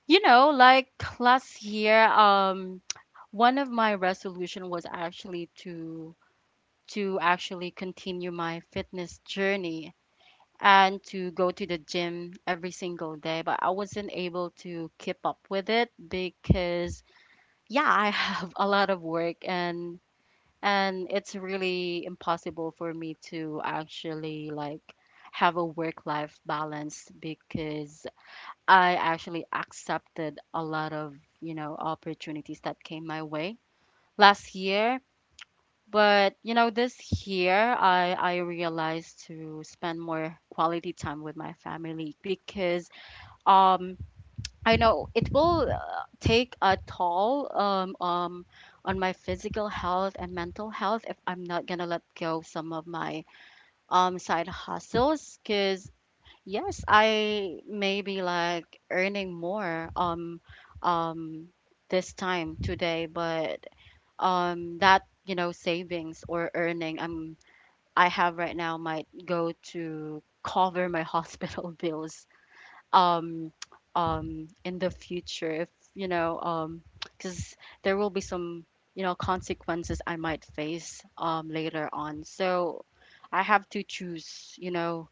A: like last year, one of my resolution was actually to actually continue my fitness journey and to go to the gym every single day, but I wasn't able to keep up with it because yeah, I have a lot of work, and it's really impossible for me to actually, like, have a work life balance because I actually accepted a lot of, you know, opportunities that came my way last year. But, you know, this year I realized to spend more quality time with my family because um I know it will take a toll, on my physical health and mental health if I'm not gonna let go of some of my, side hustles. Cause yes, I may be like earning more, um, this time today, but, that, you know, savings or earning I have right now might go to cover my hospital bills um in the future if, you know, because there will be some, you know, consequences I might face later on. So I have to choose, you know,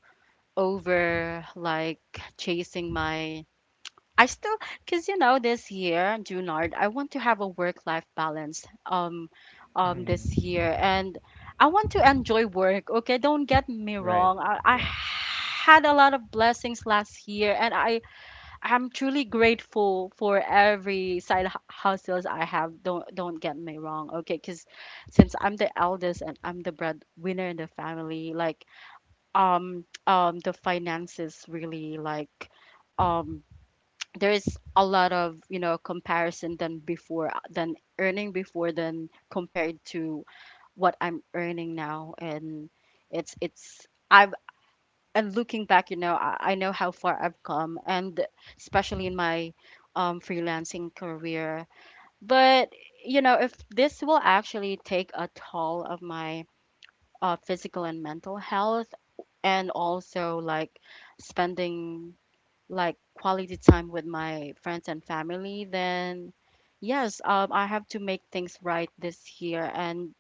A: over like chasing my, I still because you know this year, Junard, I want to have a work life balance,
B: Mm-hmm.
A: this year. And I want to enjoy work. Okay, don't get me
B: Right.
A: wrong, I
B: Yeah.
A: had a lot of blessings last year, and I'm truly grateful for every side hustles I have. Don't get me wrong, okay? Because since I'm the eldest and I'm the breadwinner in the family, like, the finances really, like, um there's a lot of, you know, comparison than before, than earning before, than compared to what I'm earning now, and it's I've and looking back, you know, I know how far I've come, and especially in my, freelancing career. But you know, if this will actually take a toll of my, physical and mental health, and also like spending like quality time with my friends and family, then yes, I have to make things right this year. And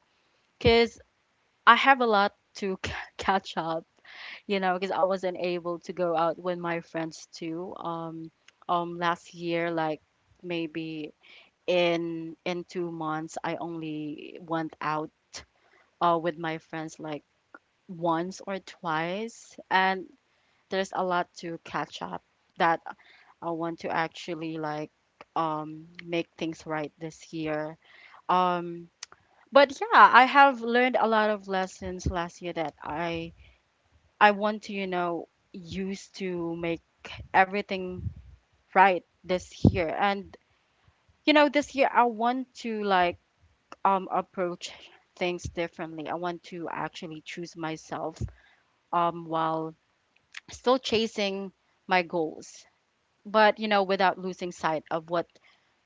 A: because I have a lot to catch up, you know, because I wasn't able to go out with my friends too. Last year, like maybe in 2 months, I only went out with my friends like once or twice, and there's a lot to catch up that I want to actually like, make things right this year. Um, but yeah, I have learned a lot of lessons last year that I want to, you know, use to make everything right this year. And you know, this year I want to like, approach things differently. I want to actually choose myself, while still chasing my goals, but you know, without losing sight of what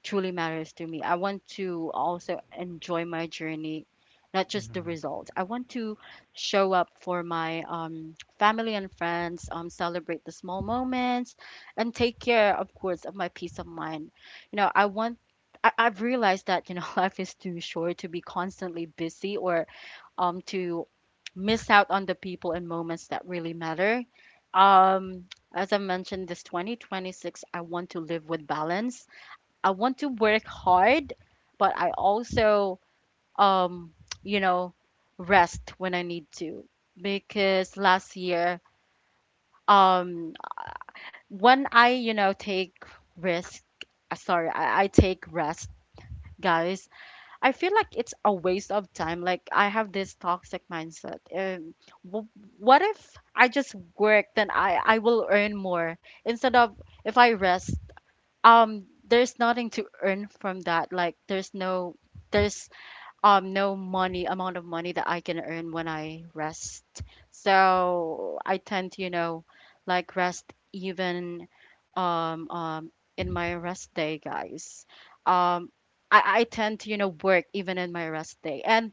A: truly matters to me. I want to also enjoy my journey, not just the
B: Mm-hmm.
A: results. I want to show up for my, family and friends, celebrate the small moments, and take care, of course, of my peace of mind. You know, I want. I've realized that, you know, life is too short to be constantly busy or, to miss out on the people and moments that really matter. Um, as I mentioned, this 2026, I want to live with balance. I want to work hard, but I also, um, you know, rest when I need to. Because last year, um, when you know, risk, I take rest, guys, I feel like it's a waste of time. Like I have this toxic mindset. W- what if I just work, then I will earn more instead of, if I rest, there's nothing to earn from that. Like there's no money, amount of money that I can earn when I rest. So I tend to, you know, like rest even, um um in my rest day, guys, um I tend to, you know, work even in my rest day. And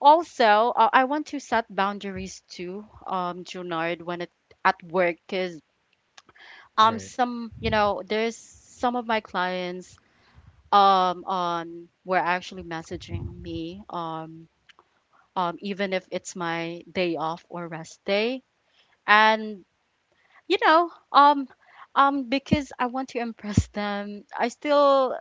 A: also, I want to set boundaries too, Junard, when it at work, because
B: Right.
A: some, you know, there's some of my clients, on, were actually messaging me, even if it's my day off or rest day. And you know, because I want to impress them, I still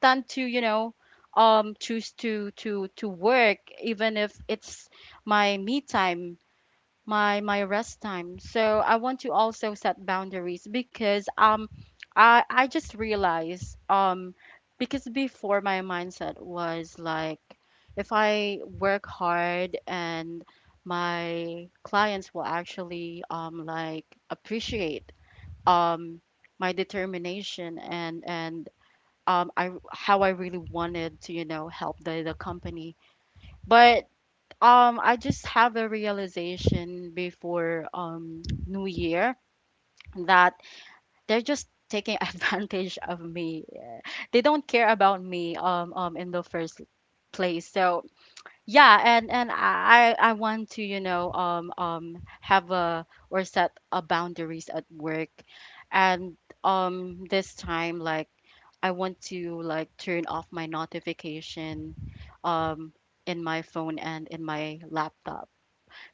A: tend to, you know, choose to work even if it's my me time, my rest time. So I want to also set boundaries because, I just realized, because before my mindset was like, if I work hard, and my clients will actually, like appreciate, um my determination and, I how I really wanted to, you know, help the company. But I just have a realization before, um, New Year, that they're just taking advantage of me. Yeah. They don't care about me, in the first place. So yeah, and I want to, you know, have a, or set a boundaries at work. And this time, like I want to like turn off my notification, um in my phone and in my laptop,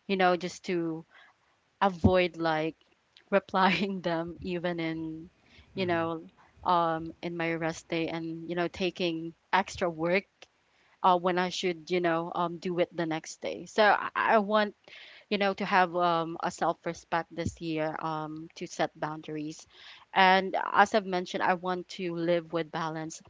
A: you know, just to avoid like replying them even in, you
B: Mm-hmm.
A: know, in my rest day, and, you know, taking extra work, when I should, you know, do it the next day. So I want, you know, to have, a self respect this year, to set boundaries. And as I've mentioned, I want to live with balance.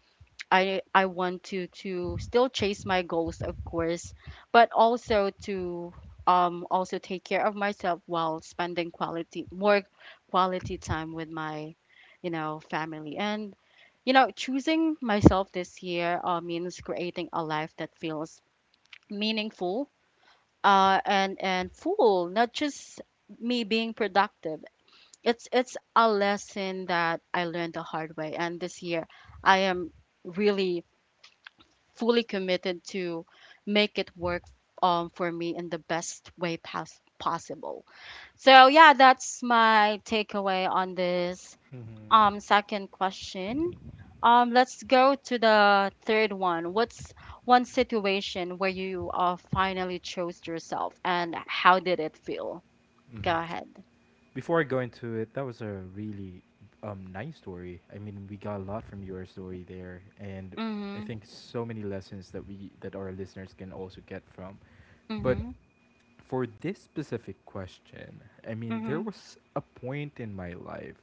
A: I want to still chase my goals, of course, but also to, also take care of myself while spending quality, more quality time with my, you know, family, and, you know, choosing myself this year, means creating a life that feels meaningful, and full, not just me being productive. It's a lesson that I learned the hard way, and this year I am really fully committed to make it work, for me in the best way possible. So yeah, that's my takeaway on this,
B: Mm-hmm.
A: second question. Let's go to the third one. What's one situation where you, finally chose yourself, and how did it feel? Go
B: Mm-hmm.
A: ahead.
B: Before I go into it, that was a really nice story. I mean, we got a lot from your story there, and I
A: Mhm.
B: think so many lessons that we that our listeners can also get from. But
A: Mhm.
B: for this specific question, I mean, there
A: Mhm.
B: was a point in my life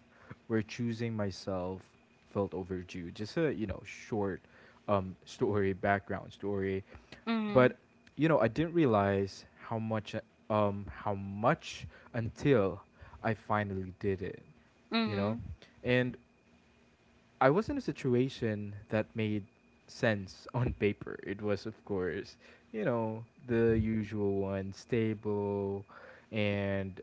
B: where choosing myself felt overdue. Just a you know short story, background story.
A: Mhm.
B: But you know, I didn't realize how much um how much until I finally did it, you know?
A: Mhm.
B: And I was in a situation that made sense on paper. It was of course, you know, the usual one, stable and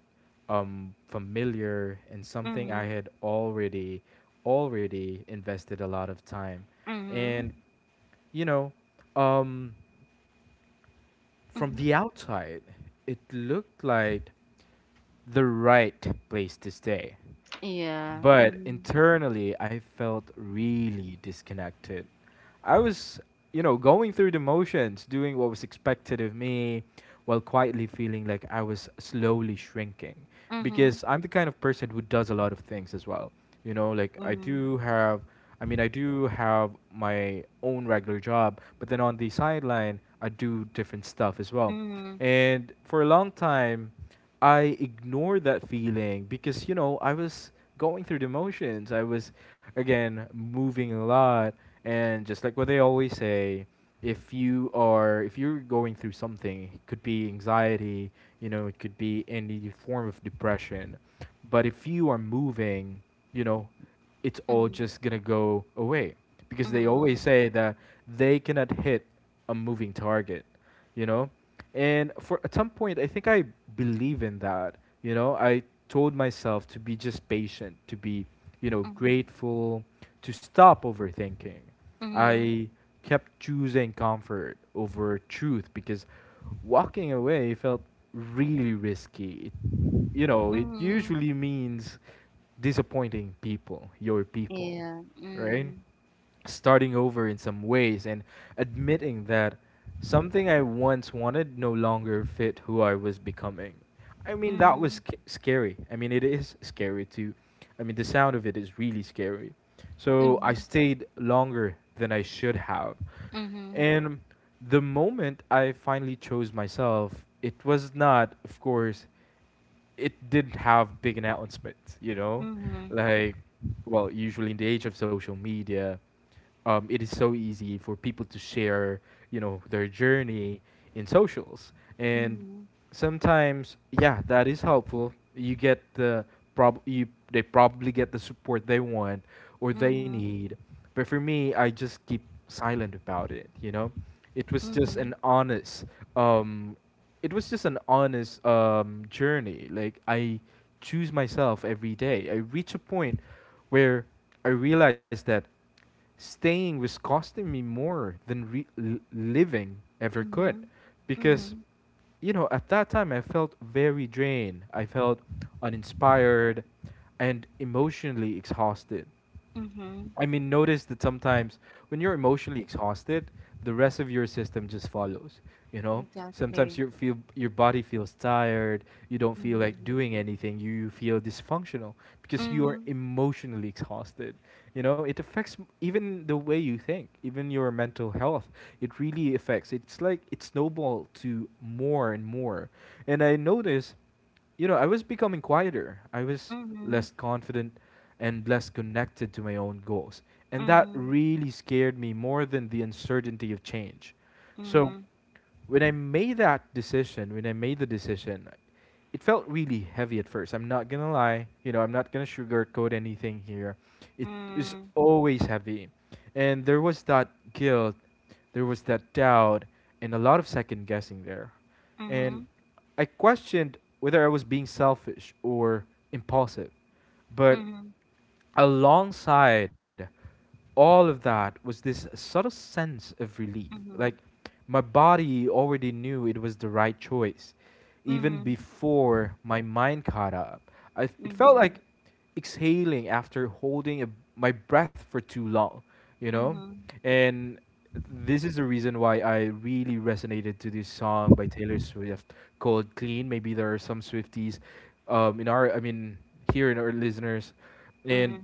B: familiar, and something I
A: Mhm.
B: had already invested a lot of time.
A: Mhm.
B: And you know, um from
A: Mhm.
B: the outside, it looked like the right place to stay.
A: Yeah.
B: But
A: Mhm.
B: internally, I felt really disconnected. I was, you know, going through the motions, doing what was expected of me, while quietly feeling like I was slowly shrinking.
A: Mhm.
B: Because I'm the kind of person who does a lot of things as well. You know, like I
A: Mhm.
B: do have, I mean, I do have my own regular job, but then on the sideline, I do different stuff as well.
A: Mhm,
B: And for a long time, I ignored that feeling because you know I was going through the motions. I was again moving a lot, and just like what they always say, if you are if you're going through something, it could be anxiety, you know, it could be any form of depression, but if you are moving, you know, it's all
A: mhm,
B: just gonna go away because they always
A: mm,
B: say that they cannot hit a moving target, you know. And for at some point, I think I believe in that, you know. I told myself to be just patient, to be, you know,
A: mhm,
B: grateful, to stop overthinking.
A: mhm,
B: I kept choosing comfort over truth because walking away felt really risky. It, you know, it
A: mhm.
B: usually means disappointing people, your people,
A: Yeah,
B: right?
A: mm,
B: Starting over in some ways and admitting that something I once wanted no longer fit who I was becoming. I mean, that was
A: mhm,
B: scary. I mean, it is scary too. I mean, the sound of it is really scary. So I
A: mhm,
B: stayed longer than I should have.
A: mhm,
B: And the moment I finally chose myself, it was not, of course, it didn't have big announcements, you know?
A: mhm,
B: Like, well, usually in the age of social media, it is so easy for people to share, you know, their journey in socials. And
A: mhm,
B: sometimes, yeah, that is helpful. You get the prob you they probably get the support they want or they
A: mhm,
B: need. But for me, I just keep silent about it, you know? It was just
A: mhm,
B: an honest um journey. Like I choose myself every day. I reach a point where I realized that staying was costing me more than living ever could,
A: mhm,
B: because
A: mhm,
B: you know at that time I felt very drained. I felt uninspired and emotionally exhausted.
A: mhm.
B: I mean, notice that sometimes when you're emotionally exhausted, the rest of your system just follows. You know, sometimes
A: Exactly.
B: you feel your body feels tired. You don't feel like
A: Mhm,
B: doing anything. You feel dysfunctional because you are
A: mhm,
B: emotionally exhausted. You know, it affects even the way you think, even your mental health. It really affects. It's like it snowballed to more and more. And I notice, you know, I was becoming quieter. I was
A: mhm,
B: less confident and less connected to my own goals. And that
A: mhm,
B: really scared me more than the uncertainty of change.
A: mhm,
B: So,
A: mhm,
B: when I made the decision, it felt really heavy at first. I'm not gonna lie, you know, I'm not gonna sugarcoat anything here. It was
A: mhm,
B: always heavy, and there was that guilt, there was that doubt, and a lot of second guessing there. And
A: mhm,
B: I questioned whether I was being selfish or impulsive, but
A: mhm,
B: alongside all of that was this subtle sense of relief.
A: mhm,
B: Like my body already knew it was the right choice, even
A: mhm,
B: before my mind caught up. It felt
A: mhm,
B: like exhaling after holding my breath for too long, you know?
A: mhm,
B: And this is the reason why I really resonated to this song by Taylor Swift called Clean. Maybe there are some Swifties in I mean, here in our listeners, and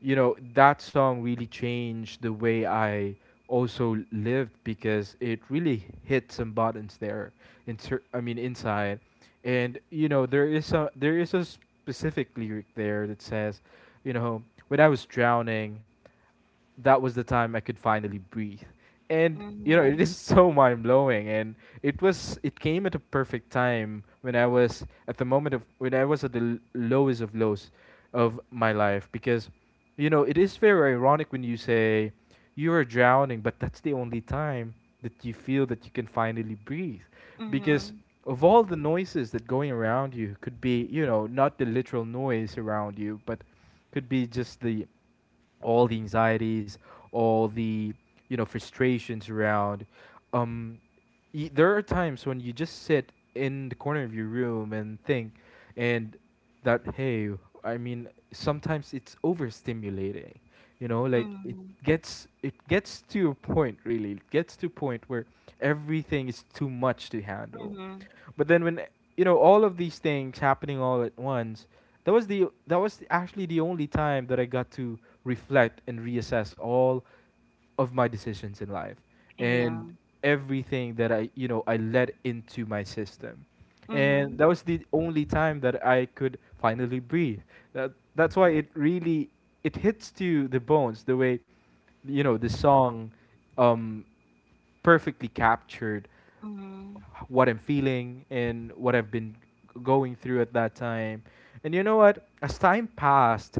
B: you know that song really changed the way I also lived because it really hit some buttons there I mean inside. And you know there is a specific lyric there that says, you know, when I was drowning, that was the time I could finally breathe. And you know, it
A: mhm,
B: is so mind blowing. And it came at a perfect time when I was at the moment of when I was at the lowest of lows of my life because, you know, it is very ironic when you say you are drowning, but that's the only time that you feel that you can finally breathe because
A: mhm,
B: of all the noises that going around. You could be, you know, not the literal noise around you, but could be just the all the anxieties, all the, you know, frustrations around. Um, there are times when you just sit in the corner of your room and think, and that, hey, I mean, sometimes it's overstimulating. You know, like
A: mhm,
B: it gets to a point really. It gets to a point where everything is too much to handle.
A: mhm.
B: But then when, you know, all of these things happening all at once, that was actually the only time that I got to reflect and reassess all of my decisions in life
A: Yeah.
B: and everything that I, you know, I let into my system. And that was the only time that I could finally breathe. That's why it really it hits to the bones the way, you know, the song um perfectly captured
A: Mhm.
B: what I'm feeling and what I've been going through at that time. And you know what? As time passed,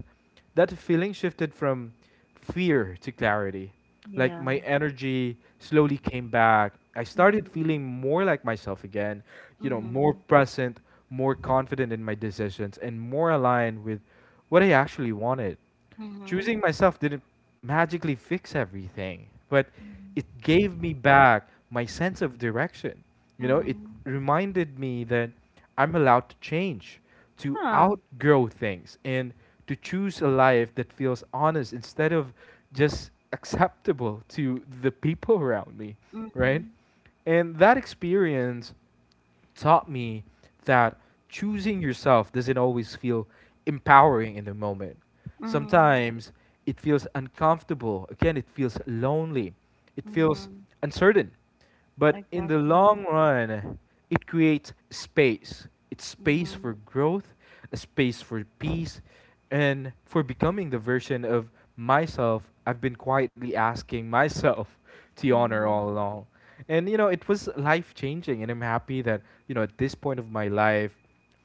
B: that feeling shifted from fear to clarity. Like
A: Yeah.
B: my energy slowly came back. I started feeling
A: Mhm.
B: more like myself again, you know, more
A: Mhm.
B: present, more confident in my decisions, and more aligned with what I actually wanted.
A: Mhm.
B: Choosing myself didn't magically fix everything, but it
A: Mhm.
B: gave me back my sense of direction. You know, it
A: Mhm.
B: reminded me that I'm allowed to change, to
A: Yeah.
B: outgrow things, and to choose a life that feels honest instead of just acceptable to the people around me, right?
A: Mhm.
B: And that experience taught me that choosing yourself doesn't always feel empowering in the moment.
A: Mhm.
B: Sometimes it feels uncomfortable. Again, it feels lonely. It feels
A: Mhm.
B: uncertain. But in the
A: Exactly.
B: long run, it creates space. It's space for
A: Mhm.
B: growth, a space for peace, and for becoming the version of myself I've been quietly asking myself to honor
A: Mhm.
B: all along. And you know, it was life changing, and I'm happy that, you know, at this point of my life,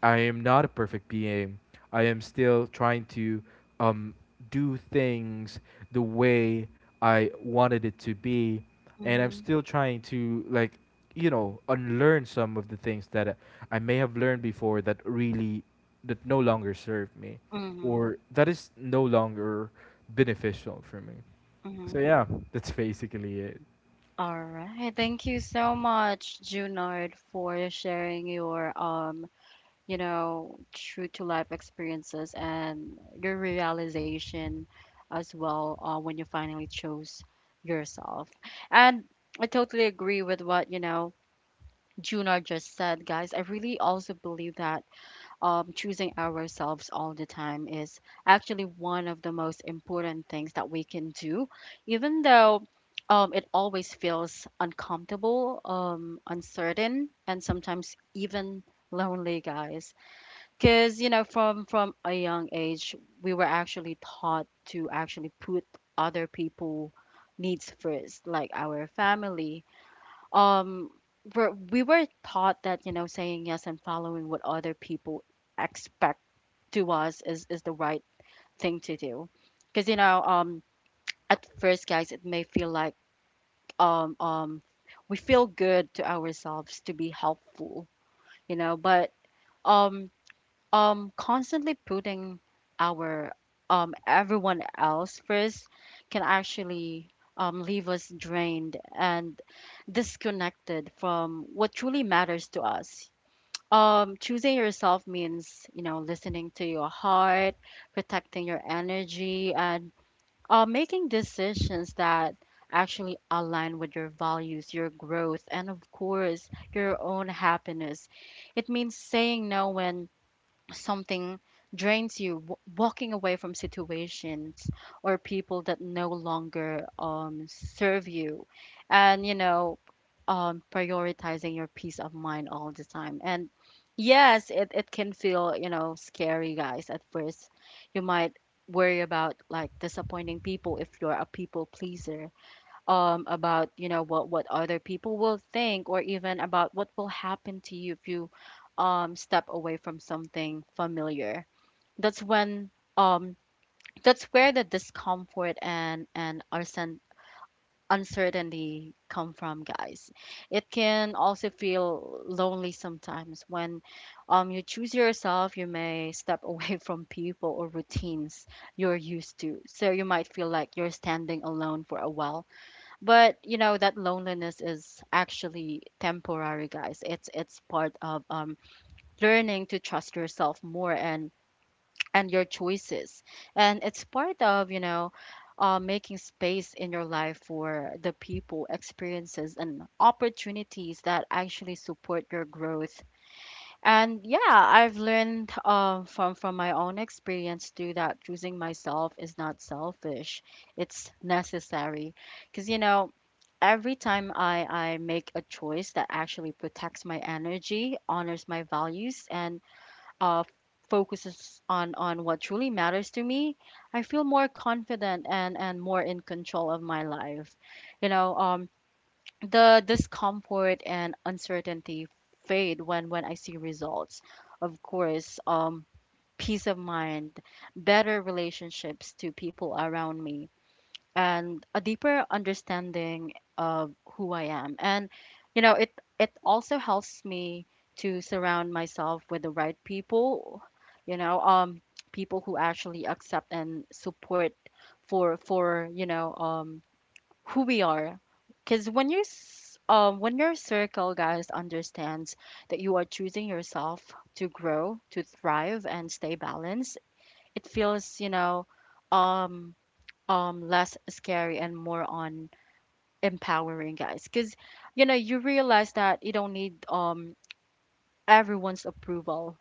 B: I am not a perfect being. I am still trying to, um, do things the way I wanted it to be, and I'm
A: Mhm.
B: still trying to, like, you know, unlearn some of the things that I may have learned before that really that no longer serve me,
A: Mhm.
B: or that is no longer beneficial for me. So
A: Mhm.
B: yeah, that's basically it.
A: All right. Thank you so much, Junard, for sharing your, you know, true to life experiences and your realization as well, when you finally chose yourself. And I totally agree with what, you know, Junar just said, guys. I really also believe that, choosing ourselves all the time is actually one of the most important things that we can do, even though, it always feels uncomfortable, uncertain, and sometimes even lonely, guys. Because, you know, from a young age, we were actually taught to actually put other people needs first, like our family. Um, we were taught that, you know, saying yes and following what other people expect to us is the right thing to do. Because, you know, at first, guys, it may feel like, um um we feel good to ourselves to be helpful, you know, but, um constantly putting our, everyone else first can actually, leave us drained and disconnected from what truly matters to us. Choosing yourself means, you know, listening to your heart, protecting your energy, and, making decisions that actually align with your values, your growth, and of course, your own happiness. It means saying no when something drains you, walking away from situations or people that no longer, serve you, and, you know, prioritizing your peace of mind all the time. And yes, it can feel, you know, scary, guys, at first. You might worry about like disappointing people if you're a people pleaser, about, you know, what other people will think, or even about what will happen to you if you, step away from something familiar. that's when um, that's where the discomfort and, uncertainty come from, guys. It can also feel lonely sometimes when, you choose yourself. You may step away from people or routines you're used to, so you might feel like you're standing alone for a while. But you know, that loneliness is actually temporary, guys. It's part of, learning to trust yourself more, and your choices, and it's part of, you know, making space in your life for the people, experiences, and opportunities that actually support your growth. And yeah, I've learned, from my own experience too, that choosing myself is not selfish; it's necessary, because you know every time I make a choice that actually protects my energy, honors my values, and, uh, focuses on, what truly matters to me, I feel more confident, and, more in control of my life. You know, the discomfort and uncertainty fade when, I see results. Of course, peace of mind, better relationships to people around me, and a deeper understanding of who I am. And you know, it also helps me to surround myself with the right people, you know, um, people who actually accept and support for, you know, um, who we are. Cuz when you, when your circle, guys, understands that you are choosing yourself to grow, to thrive, and stay balanced, it feels, you know, um less scary and more on empowering, guys, because you know you realize that you don't need, everyone's approval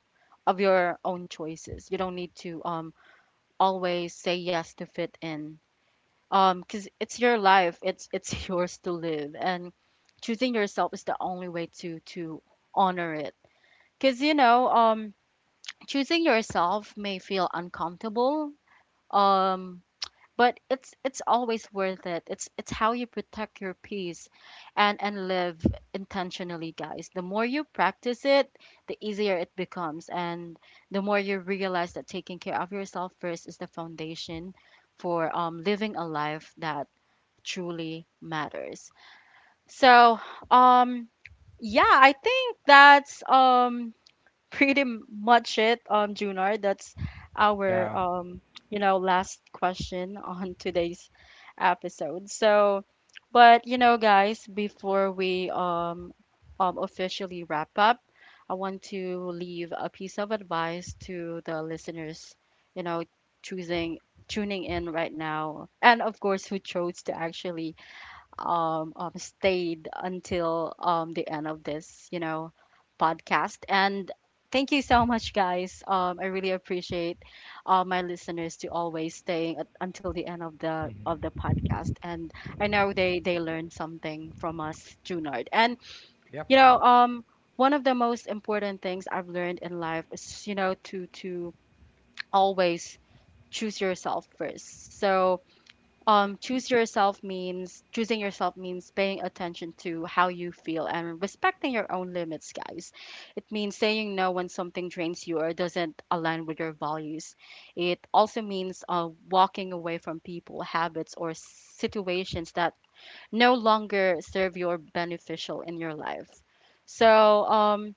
A: of your own choices. You don't need to, um, always say yes to fit in, because it's your life. It's yours to live, and choosing yourself is the only way to honor it. Because you know, um, choosing yourself may feel uncomfortable, um, but it's always worth it. It's how you protect your peace and live intentionally, guys. The more you practice it, the easier it becomes, and the more you realize that taking care of yourself first is the foundation for, living a life that truly matters. So, um, yeah, I think that's, pretty much it, Junar. That's our,
B: Yeah.
A: you know, last question on today's episode. So, but you know, guys, before we, officially wrap up, I want to leave a piece of advice to the listeners, you know, choosing, tuning in right now, and of course, who chose to actually, stayed until, the end of this, you know, podcast. And thank you so much, guys. I really appreciate, my listeners to always staying at, until the end of the
B: Hmm.
A: podcast. And I know they learned something from us, Junard. And you
B: Yep.
A: know, one of the most important things I've learned in life is, you know, to always choose yourself first. So, choose yourself means, choosing yourself means paying attention to how you feel and respecting your own limits, guys. It means saying no when something drains you or doesn't align with your values. It also means, walking away from people, habits, or situations that no longer serve your beneficial in your life. So, um,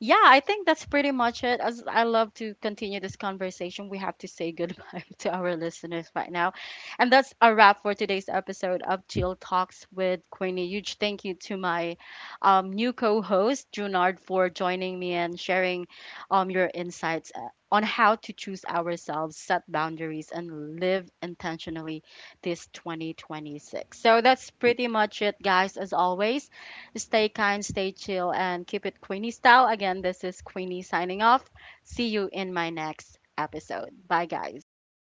A: yeah, I think that's pretty much it. As I love to continue this conversation, we have to say goodbye to our listeners right now. And that's a wrap for today's episode of Chill Talks with Queenie. Huge thank you to my, new co host, Junard, for joining me and sharing, your insights, on how to choose ourselves, set boundaries, and live intentionally this 2026. So that's pretty much it, guys, as always. Stay kind, stay chill, and keep it Queenie style. Again, this is Queenie signing off. See you in my next episode. Bye, guys.